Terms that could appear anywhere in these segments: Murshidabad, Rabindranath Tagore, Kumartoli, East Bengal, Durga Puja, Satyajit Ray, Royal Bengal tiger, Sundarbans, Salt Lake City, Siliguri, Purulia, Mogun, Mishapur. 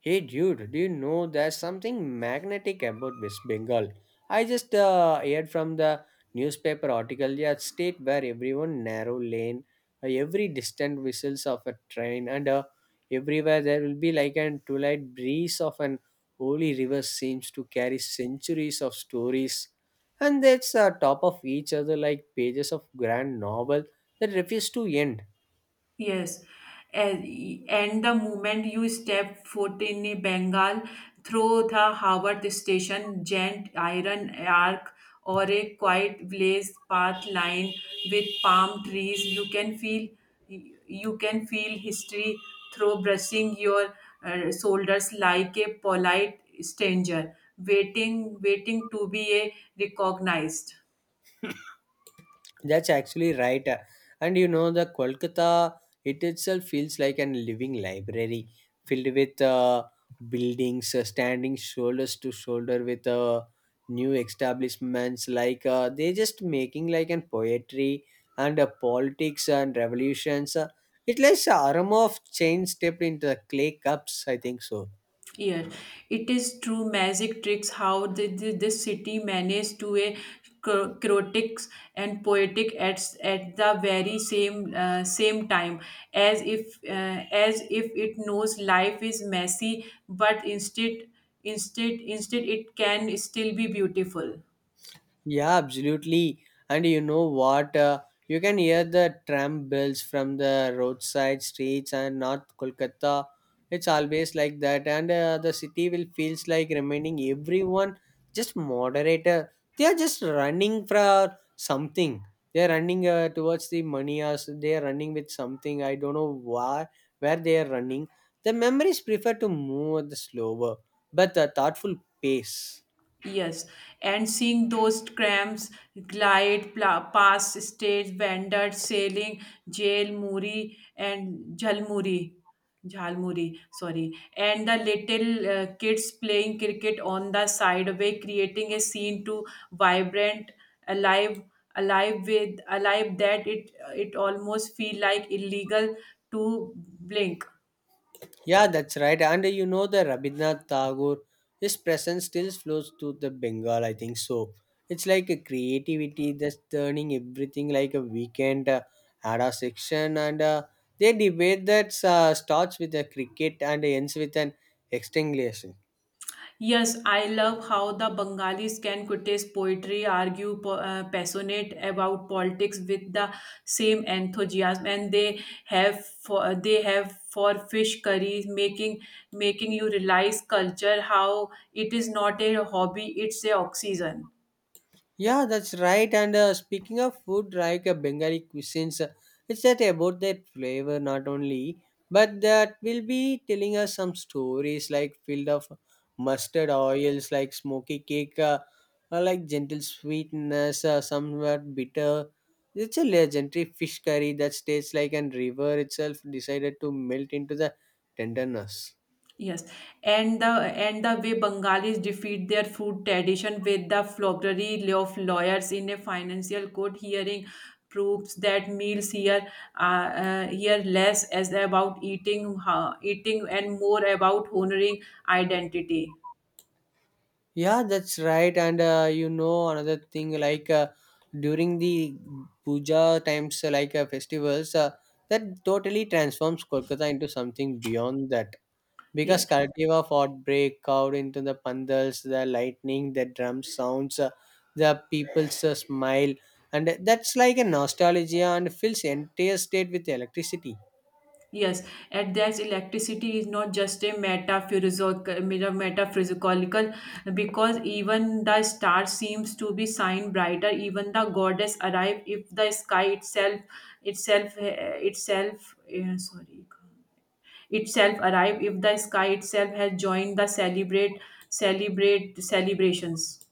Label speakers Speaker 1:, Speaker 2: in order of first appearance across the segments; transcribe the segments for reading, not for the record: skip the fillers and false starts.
Speaker 1: Hey dude, do you know there's something magnetic about West Bengal? I just heard from the newspaper article, yeah, state where everyone narrow lane, every distant whistles of a train, and everywhere there will be like an twilight breeze of an holy river seems to carry centuries of stories, and that's top of each other like pages of grand novel that refuse to end.
Speaker 2: Yes, and and the moment you step foot in a Bengal through the Howard Station, giant iron arc, or a quiet blaze path lined with palm trees, you can feel history through brushing your shoulders like a polite stranger waiting to be a recognized.
Speaker 1: That's actually right. And you know, the Kolkata, it itself feels like an living library filled with buildings standing shoulders to shoulder with new establishments. Like they just making like an poetry and politics and revolutions. It like aroma of change stepped into the clay cups, I think so.
Speaker 2: Year. It is true magic tricks how this city managed to a chaotic and poetic at, at the very same same time as if it knows life is messy but instead it can still be beautiful.
Speaker 1: Yeah, absolutely. And you know what? You can hear the tram bells from the roadside streets and North Kolkata. It's always like that, and the city will feels like remaining everyone just moderator. They are just running for something. They are running towards the money, or they are running with something. I don't know why, where they are running. The memories prefer to move at the slower but the thoughtful pace.
Speaker 2: Yes, and seeing those trams past stage vendors sailing jail muri and jalmuri jalmuri sorry and the little kids playing cricket on the sideway creating a scene to vibrant alive alive that it almost feel like illegal to blink.
Speaker 1: Yeah, that's right. And you know, the Rabindranath Tagore, his presence still flows through the Bengal, I think so. It's like a creativity that's turning everything like a weekend at a section. And they debate that starts with a cricket and ends with an extinguisher.
Speaker 2: Yes, I love how the Bengalis can criticize poetry, argue passionate about politics with the same enthusiasm, and they have for fish curries, making you realize culture how it is not a hobby; it's a oxygen.
Speaker 1: Yeah, that's right. And speaking of food, like Bengali cuisines, it's that about that flavor not only, but that will be telling us some stories like filled of mustard oils, like smoky cake, or like gentle sweetness, somewhat bitter. It's a legendary fish curry that tastes like an river itself decided to melt into the tenderness.
Speaker 2: Yes, and the way Bengalis defeat their food tradition with the floggery of lawyers in a financial court hearing proves that meals here are here less as about eating, and more about honoring identity.
Speaker 1: Yeah, that's right. And you know, another thing like during the puja times, like festivals, that totally transforms Kolkata into something beyond that.
Speaker 2: Yeah.
Speaker 1: Because Karativa fought break out into the pandals, the lightning, the drum sounds, the people's smile, and that's like a nostalgia and fills the entire state with electricity.
Speaker 2: Yes, and that electricity is not just a metaphysical, because even the star seems to be shine brighter. Even the goddess arrive if the sky itself, eh, itself, eh, sorry, itself arrive if the sky itself has joined the celebrate, celebrate celebrations.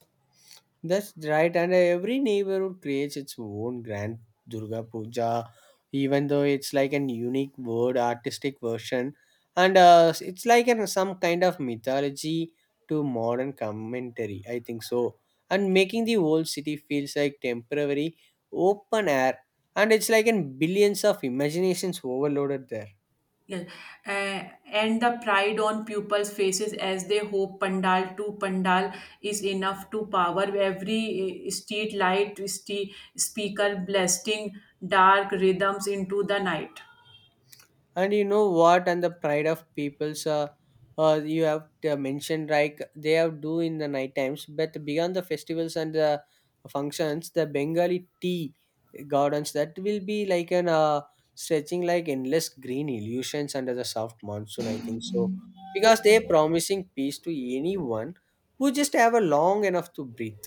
Speaker 1: That's right, and every neighborhood creates its own grand Durga Puja, even though it's like an unique word, artistic version, and it's like an, some kind of mythology to modern commentary. I think so, and making the whole city feels like temporary open air, and it's like in billions of imaginations overloaded there.
Speaker 2: Yes. And the pride on pupils' faces as they hope pandal to pandal is enough to power every street light, speaker blasting dark rhythms into the night.
Speaker 1: And you know what? And the pride of people's, you have mentioned like they have do in the night times, but beyond the festivals and the functions, the Bengali tea gardens that will be like an stretching like endless green illusions under the soft monsoon, I think so, because they're promising peace to anyone who just have a long enough to breathe.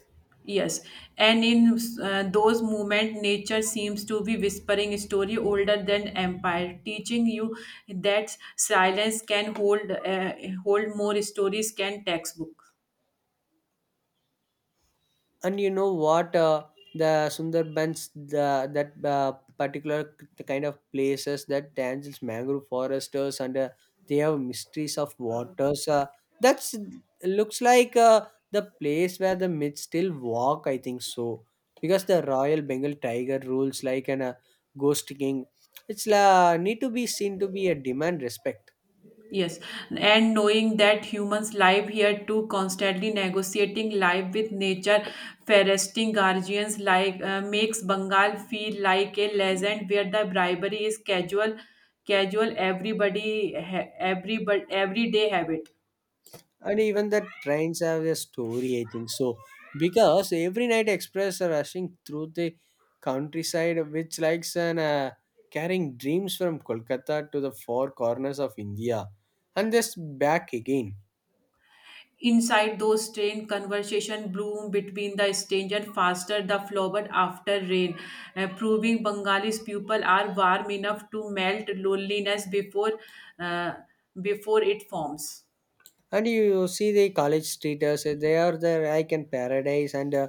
Speaker 2: Yes, and in those moments, nature seems to be whispering a story older than empire, teaching you that silence can hold more stories than textbook.
Speaker 1: And you know what? The Sundarbans, the, that particular kind of places that tangles mangrove foresters and they have mysteries of waters. That's looks like the place where the myths still walk. I think so because the Royal Bengal tiger rules like an ghost king. It's need to be seen to be a demand respect.
Speaker 2: Yes, and knowing that humans live here too, constantly negotiating life with nature, foresting guardians makes Bengal feel like a legend where the bribery is casual, casual everybody everyday habit.
Speaker 1: And even the trains have a story, I think so, because every night express are rushing through the countryside which likes an carrying dreams from Kolkata to the four corners of India and just back again.
Speaker 2: Inside those train, conversation bloomed between the strange and faster the flowered after rain, proving Bengalis people are warm enough to melt loneliness uh, before it forms.
Speaker 1: And you see the college streeters, they are the like in paradise and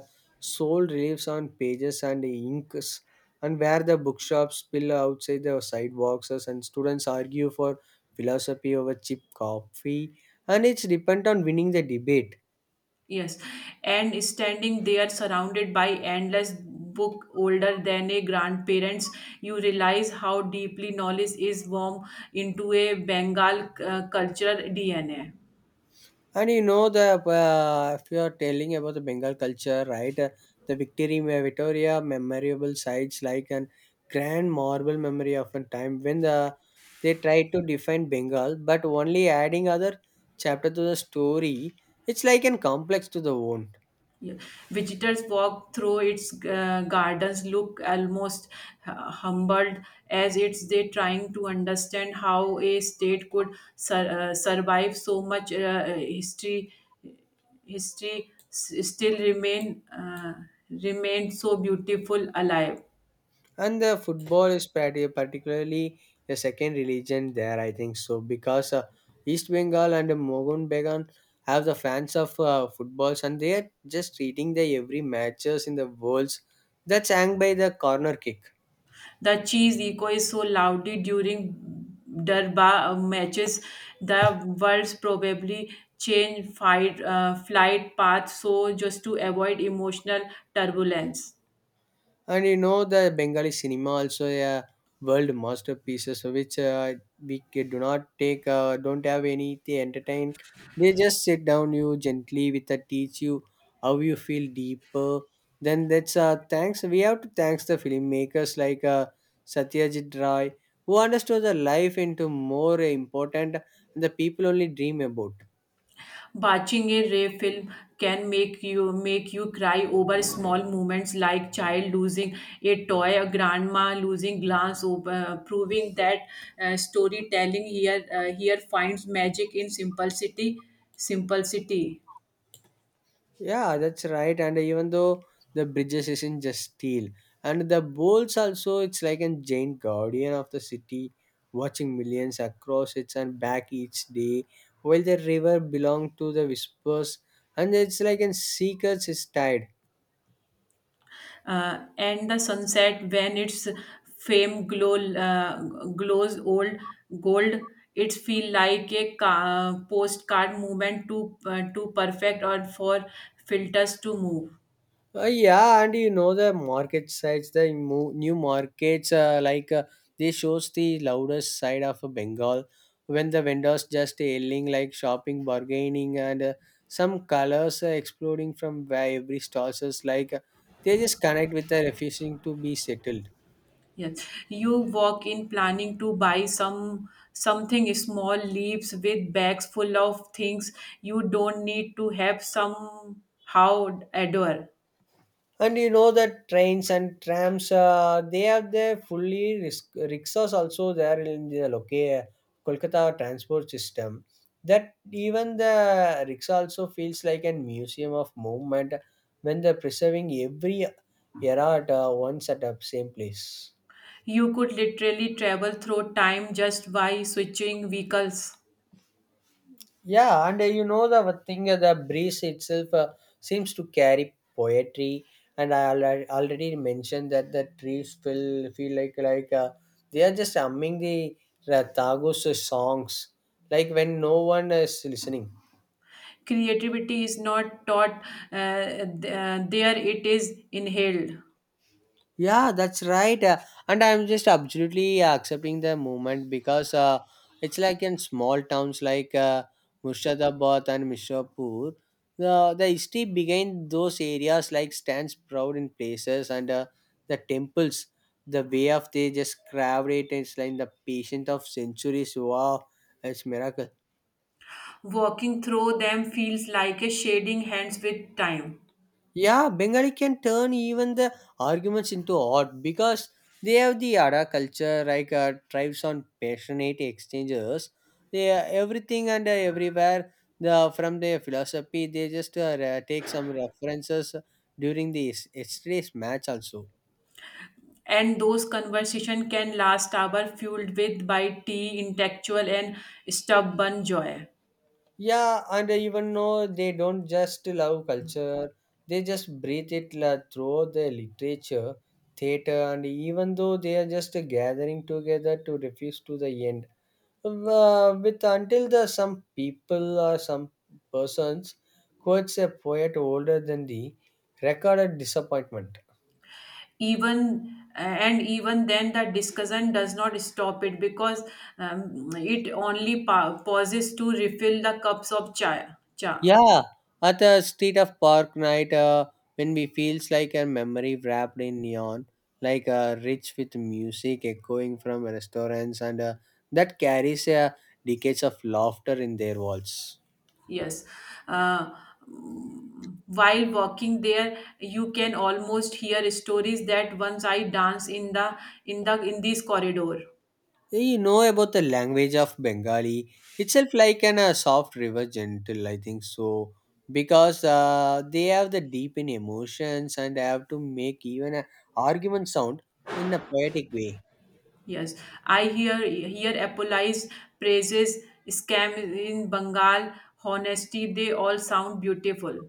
Speaker 1: soul reliefs on pages and inks, and where the bookshops spill outside the sidewalks and students argue for philosophy over cheap coffee, and it's depend on winning the debate.
Speaker 2: Yes, and standing there surrounded by endless book older than a grandparents, you realize how deeply knowledge is warm into a Bengal cultural DNA.
Speaker 1: And you know the if you are telling about the Bengal culture, right? The Victory Victoria memorable sites like an grand marble memory of a time when they tried to define Bengal, but only adding other chapter to the story. It's like an complex to the own.
Speaker 2: Yeah. Visitors walk through its gardens, look almost humbled as it's they trying to understand how a state could survive so much history. History s- still remain remained so beautiful alive.
Speaker 1: And the football is particularly a second religion there, I think so, because East Bengal and Mogun Began have the fans of footballs and they are just treating the every matches in the worlds that's hanged by the corner kick.
Speaker 2: The cheese echo is so loudly during Darbar matches. The birds probably change flight path so just to avoid emotional turbulence.
Speaker 1: And you know the Bengali cinema also a world masterpieces which do not take don't have any they entertain. They just sit down you gently with a teach you how you feel deeper. Then that's thanks we have to thanks the filmmakers like Satyajit Ray, who understood the life into more important and the people only dream about.
Speaker 2: Watching a Ray film can make you cry over small moments like child losing a toy, a grandma losing glass, proving that storytelling here finds magic in simplicity. Simplicity.
Speaker 1: Yeah, that's right. And even though the bridges isn't just steel, and the bolts also, it's like a giant guardian of the city, watching millions across its and back each day, while the river belonged to the whispers, and it's like a secret is tied.
Speaker 2: And the sunset when its fame glows old gold, it feel like a postcard movement to perfect or for filters to move.
Speaker 1: Yeah, and you know the market sides, the new markets, like they shows the loudest side of Bengal when the vendors just yelling like shopping, bargaining, and some colors are exploding from where every stores is like they just connect with the refusing to be settled.
Speaker 2: Yes, you walk in planning to buy some something small leaves with bags full of things you don't need to have somehow adore.
Speaker 1: And you know that trains and trams, they have their fully risk, rickshaws also there in the Kolkata transport system, that even the rickshaw also feels like a museum of movement when they're preserving every era at once at the same place.
Speaker 2: You could literally travel through time just by switching vehicles.
Speaker 1: Yeah, and you know the one thing, the breeze itself seems to carry poetry, and I already mentioned that the trees feel like they are just humming the Ratagos songs, like when no one is listening.
Speaker 2: Creativity is not taught, uh, there it is inhaled.
Speaker 1: Yeah, that's right. And I'm just absolutely accepting the movement because it's like in small towns like Murshidabad and Mishapur, the history behind those areas like stands proud in places and the temples, the way of they just carved it, it's like the patient of centuries. Wow, it's miracle.
Speaker 2: Walking through them feels like a shading hands with time.
Speaker 1: Yeah, Bengali can turn even the arguments into art because they have the Ada culture, like tribes on passionate exchanges. They are everything and everywhere. The from their philosophy, they just take some references during the yesterday's match also.
Speaker 2: And those conversation can last hour fueled with by tea, intellectual and stubborn joy.
Speaker 1: Yeah, and even though they don't just love culture, they just breathe it through the literature, theater, and even though they are just gathering together to refuse to the end. With until the some people or some persons quotes a poet older than the recorded disappointment.
Speaker 2: Even and even then the discussion does not stop it because it only pauses to refill the cups of chai. Cha.
Speaker 1: Yeah, at the street of park night, when we feels like a memory wrapped in neon, like rich with music echoing from restaurants, and that carries decades of laughter in their walls.
Speaker 2: Yes. Uh, while walking there you can almost hear stories that once I dance in the in this corridor.
Speaker 1: You know about the language of Bengali itself, like an a soft river, gentle. I think so because they have the deep in emotions and have to make even a argument sound in a poetic way.
Speaker 2: Yes, I hear apollize praises scam in bengal honesty they all sound beautiful.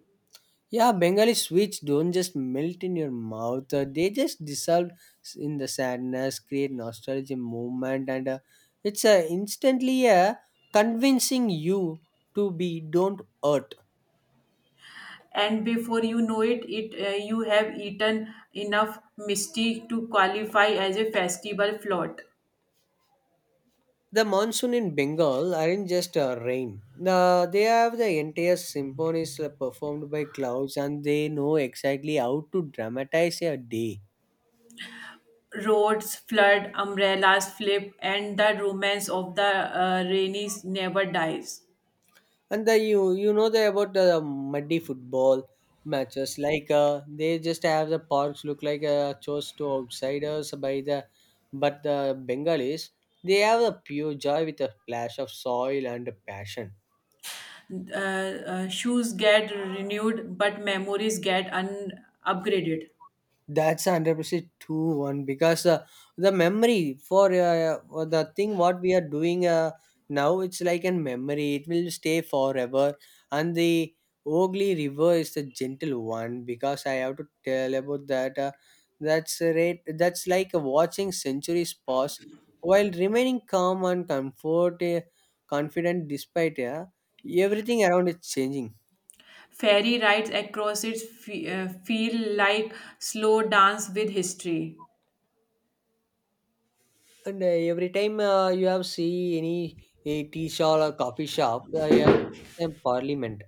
Speaker 1: Yeah, Bengali sweets don't just melt in your mouth; they just dissolve in the sadness, create nostalgia movement, and it's instantly convincing you to be don't hurt.
Speaker 2: And before you know it, you have eaten enough misty to qualify as a festival float.
Speaker 1: The monsoon in Bengal aren't just rain. They have the entire symphonies performed by clouds, and they know exactly how to dramatize a day.
Speaker 2: Roads flood, umbrellas flip, and the romance of the rainy never dies.
Speaker 1: And the you you know the about the muddy football matches like they just have the parks look like a chose to outsiders by the, but the Bengalis, they have a pure joy with a splash of soil and passion.
Speaker 2: Shoes get renewed but memories get upgraded.
Speaker 1: That's 100% true one because the memory for the thing what we are doing now it's like a memory, it will stay forever. And the Ogli river is the gentle one because I have to tell about that that's a rate, that's like watching centuries pass while remaining calm and comfort confident despite everything around is changing.
Speaker 2: Fairy rides across it feel like slow dance with history.
Speaker 1: And every time you have see any a tea shop or coffee shop, you have a parliament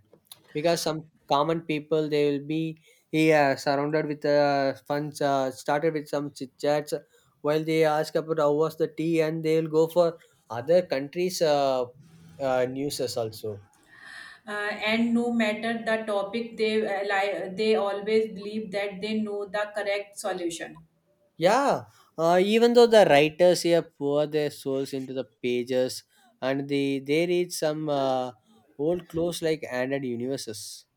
Speaker 1: because some common people they will be, yeah, surrounded with funds started with some chit chats while they ask about how was the tea and they will go for other countries newses also.
Speaker 2: Uh, and no matter the topic they they always believe that they know the correct solution.
Speaker 1: Yeah, even though the writers here pour their souls into the pages and they read some old clothes like and universes.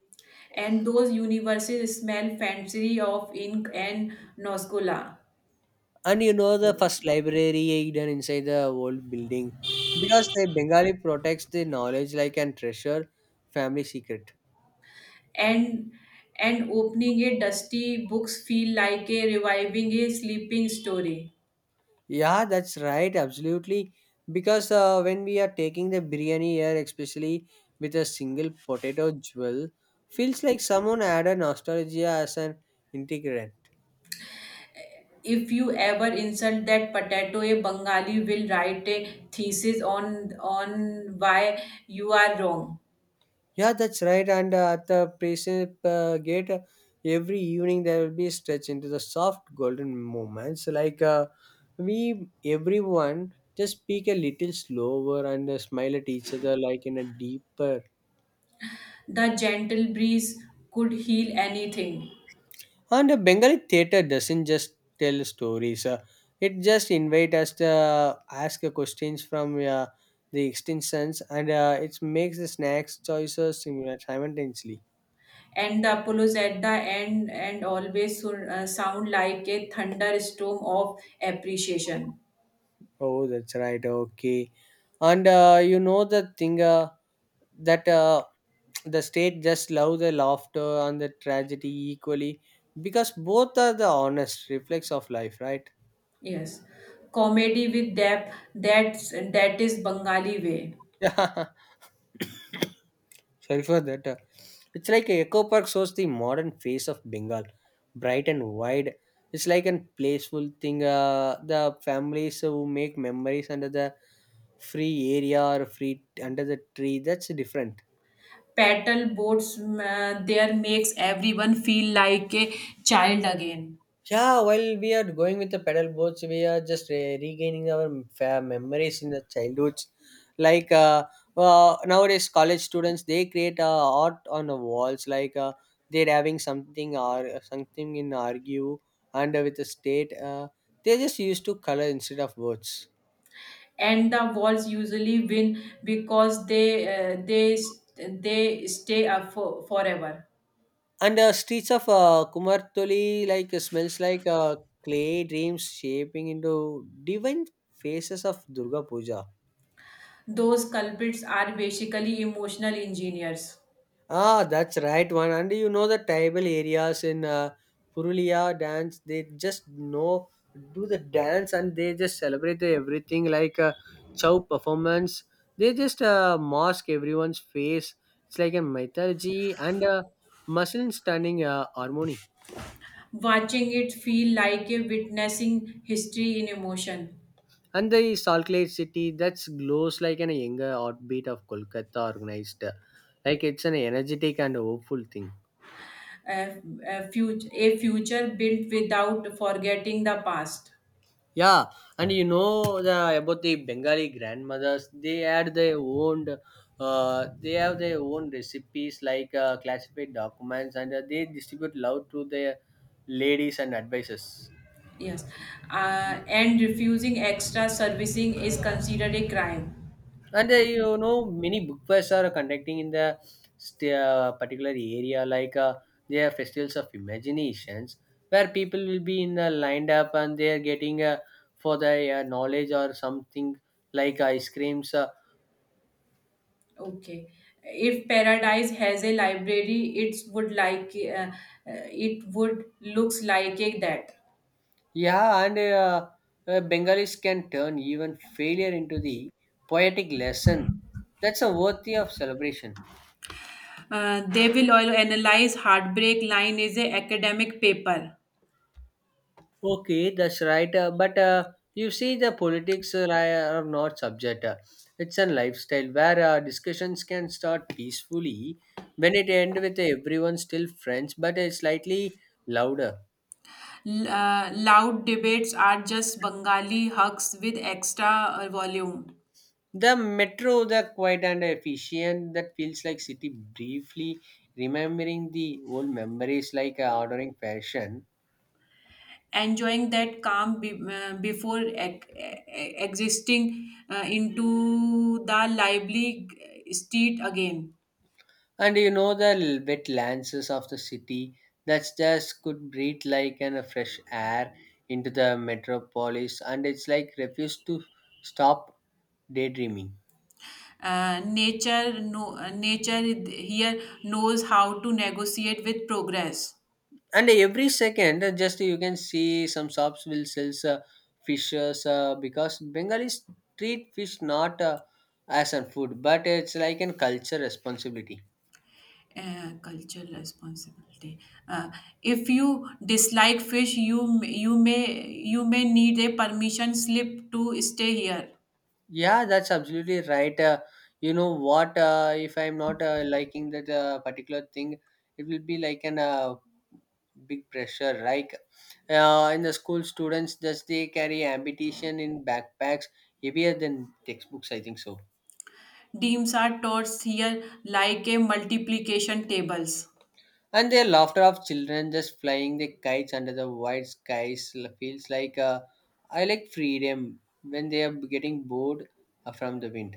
Speaker 2: And those universes smell fancy of ink and noscola.
Speaker 1: And you know the first library hidden inside the old building because the Bengali protects the knowledge like an treasure family secret.
Speaker 2: And and opening a dusty books feel like a reviving a sleeping story.
Speaker 1: Yeah, that's right, absolutely, because when we are taking the biryani here especially with a single potato jewel feels like someone added nostalgia as an integrant.
Speaker 2: If you ever insult that potato, a Bengali will write a thesis on why you are wrong.
Speaker 1: Yeah, that's right. And at the Precipice Gate, every evening there will be a stretch into the soft golden moments. Like we, everyone, just speak a little slower and smile at each other like in a deeper.
Speaker 2: The gentle breeze could heal anything.
Speaker 1: And the Bengali theatre doesn't just tell stories. It just invite us to ask questions from the extensions, and it makes the snacks choices simultaneously.
Speaker 2: And the apollos at the end and always so, sound like a thunderstorm of appreciation.
Speaker 1: Oh, that's right. Okay. And you know the thing that the state just love the laughter and the tragedy equally because both are the honest reflex of life, right?
Speaker 2: Yes, comedy with depth, that is Bengali way.
Speaker 1: Yeah. Sorry for that. It's like Echo Park shows the modern face of Bengal, bright and wide. It's like a playful thing. The families who make memories under the free area or free under the tree. That's different.
Speaker 2: Paddle boats there makes everyone feel like a child again.
Speaker 1: Yeah, while we are going with the pedal boats, we are just regaining our memories in the childhoods. Like nowadays, college students they create art on the walls. Like they're having something or something in argue and with the state. They just used to color instead of words.
Speaker 2: And the Wolves usually win because uh, they they stay up for, forever.
Speaker 1: And streets of Kumartoli like smells like clay dreams shaping into divine faces of Durga Puja.
Speaker 2: Those culprits are basically emotional engineers.
Speaker 1: Ah, that's right one. And you know the tribal areas in Purulia dance, they just know do the dance and they just celebrate the everything like a chow performance. They just mask everyone's face. It's like a mythology and a muscle stunning harmony.
Speaker 2: Watching it feel like a witnessing history in emotion,
Speaker 1: And the Salt Lake City that's glows like an younger heartbeat of Kolkata organized. Like it's an energetic and hopeful thing.
Speaker 2: a, a future built without forgetting the past.
Speaker 1: Yeah, and you know the about the Bengali grandmothers, they had their own, they have their own recipes like classified documents, and they distribute love to their ladies and advisors.
Speaker 2: Yes, and refusing extra servicing is considered a crime.
Speaker 1: And you know, many book fairs are conducting in the particular area, like they are festivals of imaginations, where people will be in lined up and they are getting for their knowledge or something like ice creams.
Speaker 2: Okay. If paradise has a library, it would it would looks like a that.
Speaker 1: Yeah, and Bengalis can turn even failure into the poetic lesson. That's a worthy of celebration.
Speaker 2: They will all analyze heartbreak line is a academic paper.
Speaker 1: Okay, that's right. But you see, the politics are not subject. It's a lifestyle where discussions can start peacefully when it end with everyone still friends, but slightly louder.
Speaker 2: Loud debates are just Bengali hugs with extra volume.
Speaker 1: The metro, the quiet and efficient, that feels like city briefly remembering the old memories like ordering fashion.
Speaker 2: Enjoying that calm before existing into the lively street again.
Speaker 1: And you know the wet lances of the city that just could breathe like an a fresh air into the metropolis and it's like refuse to stop daydreaming.
Speaker 2: Nature, no, Nature here knows how to negotiate with progress.
Speaker 1: And every second just you can see some shops will sell fishes because bengalis treat fish not as a food but it's like an culture responsibility.
Speaker 2: Cultural responsibility. Uh, if you dislike fish, you may need a permission slip to stay here.
Speaker 1: Yeah, that's absolutely right. You know what? If I'm not liking that particular thing, it will be like an big pressure like in the school students just they carry ambition in backpacks heavier than textbooks, I think so.
Speaker 2: Deems are taught here like a multiplication tables.
Speaker 1: And the laughter of children just flying the kites under the wide skies feels like I like freedom when they are getting bored from the wind.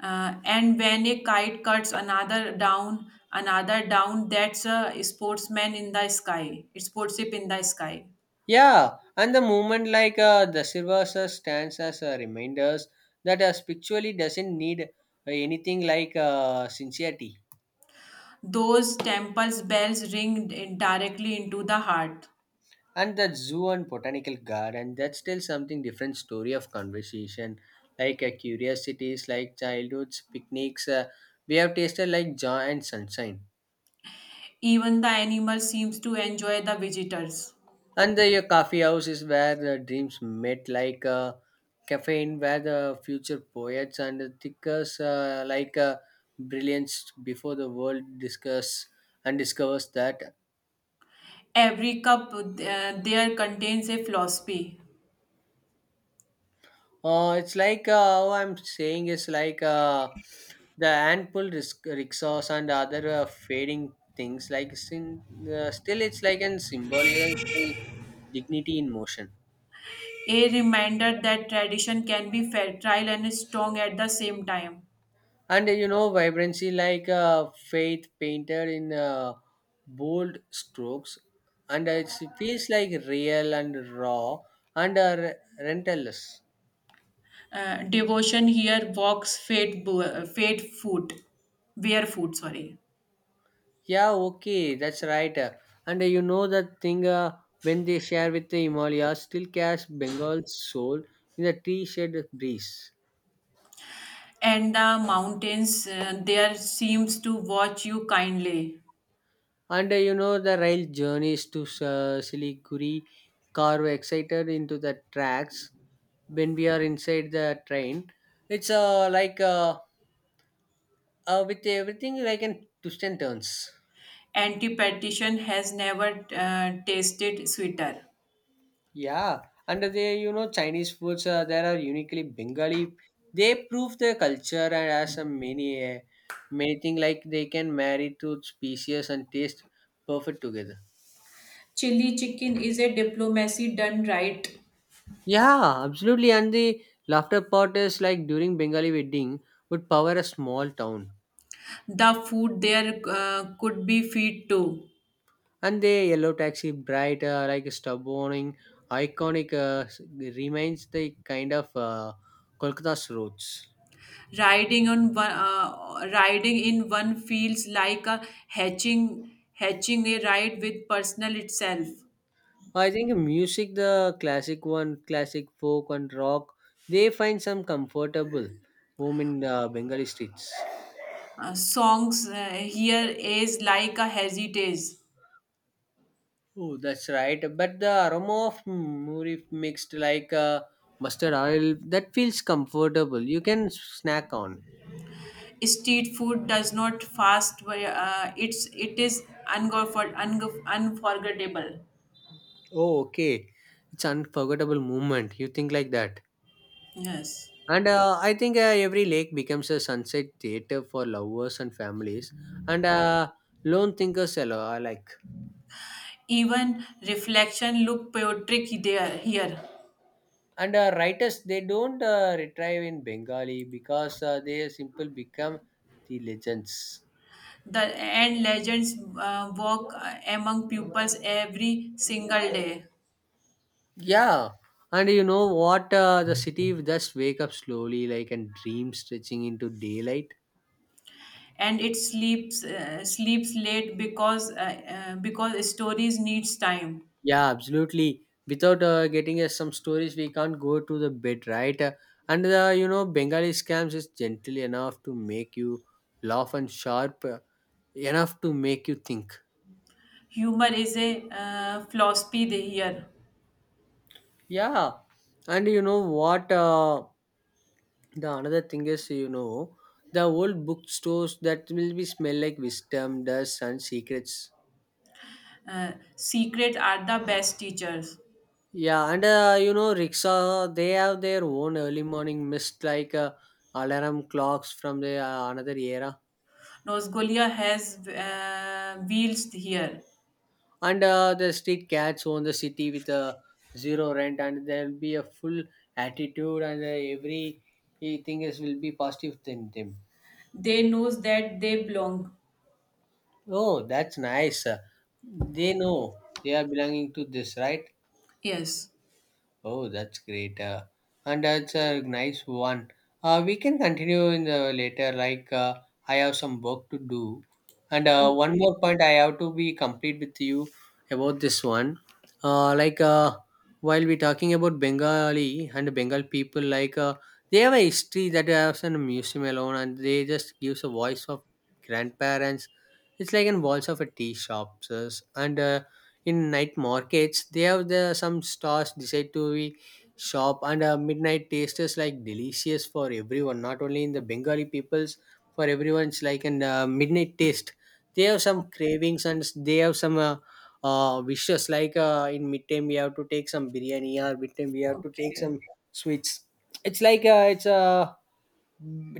Speaker 2: And when a kite cuts another down, that's a sportsman in the sky, sportship in the sky.
Speaker 1: Yeah, and the movement like the silvers stands as a reminders that spiritually doesn't need anything like sincerity.
Speaker 2: Those temples' bells ring directly into the heart.
Speaker 1: And that zoo and botanical garden that's still something different story of conversation, like curiosities like childhoods picnics. We have tasted like joy and sunshine.
Speaker 2: Even the animal seems to enjoy the visitors.
Speaker 1: And the coffee house is where the dreams met, like caffeine, where the future poets and the thinkers, like brilliance before the world discuss and discovers that.
Speaker 2: Every cup there contains a philosophy,
Speaker 1: It's like how I'm saying is like the handful risk, rickshaws and other fading things. Like sin, still, it's like an symbolism of dignity in motion.
Speaker 2: a reminder that tradition can be fertile and strong at the same time.
Speaker 1: And you know vibrancy like a faith painter in bold strokes and it feels like real and raw and rentless.
Speaker 2: Devotion here walks fate, bo- fate foot, barefoot sorry.
Speaker 1: Yeah, okay, that's right. And you know that thing when they share with the Himalayas still catch Bengal's soul in the tree shed breeze.
Speaker 2: And the mountains there seems to watch you kindly.
Speaker 1: And you know, the rail journeys to Siliguri carve excited into the tracks when we are inside the train. It's like with everything like in twists and turns.
Speaker 2: Antipatition has never tasted sweeter.
Speaker 1: Yeah, and they you know Chinese foods there are uniquely Bengali. They prove their culture and as a many many thing like they can marry to species and taste perfect together.
Speaker 2: Chili chicken is a diplomacy done right.
Speaker 1: Yeah, absolutely. And the laughter part is like during Bengali wedding would power a small town.
Speaker 2: The food there could be feed too.
Speaker 1: And the yellow taxi bright like a stub warning, iconic remains the kind of Kolkata's roots.
Speaker 2: Riding in one feels like a hatching a ride with personal itself.
Speaker 1: I think music, the classic one, classic folk and rock, they find some comfortable home in Bengali streets.
Speaker 2: Songs here is like a heritage.
Speaker 1: Oh, that's right. But the aroma of muri mixed like mustard oil that feels comfortable. You can snack on.
Speaker 2: Street food does not fast. It is unforgettable.
Speaker 1: Oh, okay. It's unforgettable moment. You think like that.
Speaker 2: Yes.
Speaker 1: And I think every lake becomes a sunset theater for lovers and families and lone thinkers I like.
Speaker 2: Even reflection look poetic there here.
Speaker 1: And writers, they don't retrieve in Bengali because they simple become the legends.
Speaker 2: The and legends walk among pupils every single day,
Speaker 1: Yeah, and you know what? The city will just wake up slowly, like and dream stretching into daylight.
Speaker 2: and it sleeps late because stories needs time.
Speaker 1: Yeah, absolutely. Without getting us some stories, we can't go to the bed, right? And the you know Bengali scams is gentle enough to make you laugh and sharp enough to make you think.
Speaker 2: Humor is a philosophy here.
Speaker 1: Yeah, and you know what? The another thing is you know the old bookstores that will be smell like wisdom, dust, and secrets.
Speaker 2: Secret are the best teachers.
Speaker 1: Yeah, and you know, rickshaw they have their own early morning mist like alarm clocks from the another era,
Speaker 2: Nosgolia has wheels here.
Speaker 1: and the street cats own the city with a zero rent, and there'll be a full attitude, and every thing is will be positive in them.
Speaker 2: They knows that they belong.
Speaker 1: Oh, that's nice. They know they are belonging to this, right?
Speaker 2: Yes.
Speaker 1: Oh, that's great. And that's a nice one. We can continue in the later. Like I have some work to do, and one
Speaker 2: Okay.
Speaker 1: more point I have to be complete with you about this one. Like while we talking about Bengali and Bengal people, like they have a history that has in a museum alone, and they just gives a voice of grandparents. It's like in walls of a tea shops, and in night markets they have the some stores decide to be shop and midnight taste is like delicious for everyone not only in the bengali peoples, for everyone's like an midnight taste. They have some cravings and they have some wishes like in midtime we have to take some biryani or midtime we have to take some
Speaker 2: Okay.
Speaker 1: sweets. It's like it's a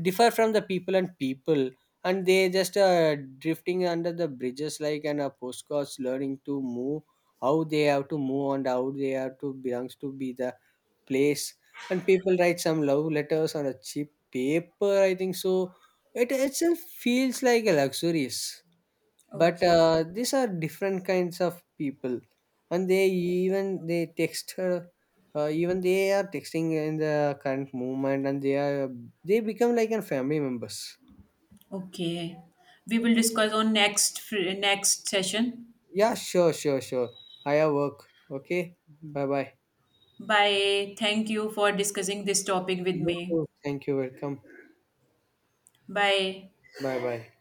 Speaker 1: differ from the people and people, and they just drifting under the bridges like and postcards learning to move, how they have to move and how they have to belongs to be the place. And people write some love letters on a cheap paper, I think so. It itself feels like a luxurious, but
Speaker 2: Okay.
Speaker 1: these are different kinds of people. And they even they text her, even they are texting in the current movement and they are they become like a family members.
Speaker 2: Okay. We will discuss on next session.
Speaker 1: Yeah, sure, sure, sure. I Higher work. Okay. Bye bye.
Speaker 2: Bye. Thank you for discussing this topic with
Speaker 1: You
Speaker 2: me.
Speaker 1: too. Thank you. Welcome.
Speaker 2: Bye.
Speaker 1: Bye bye.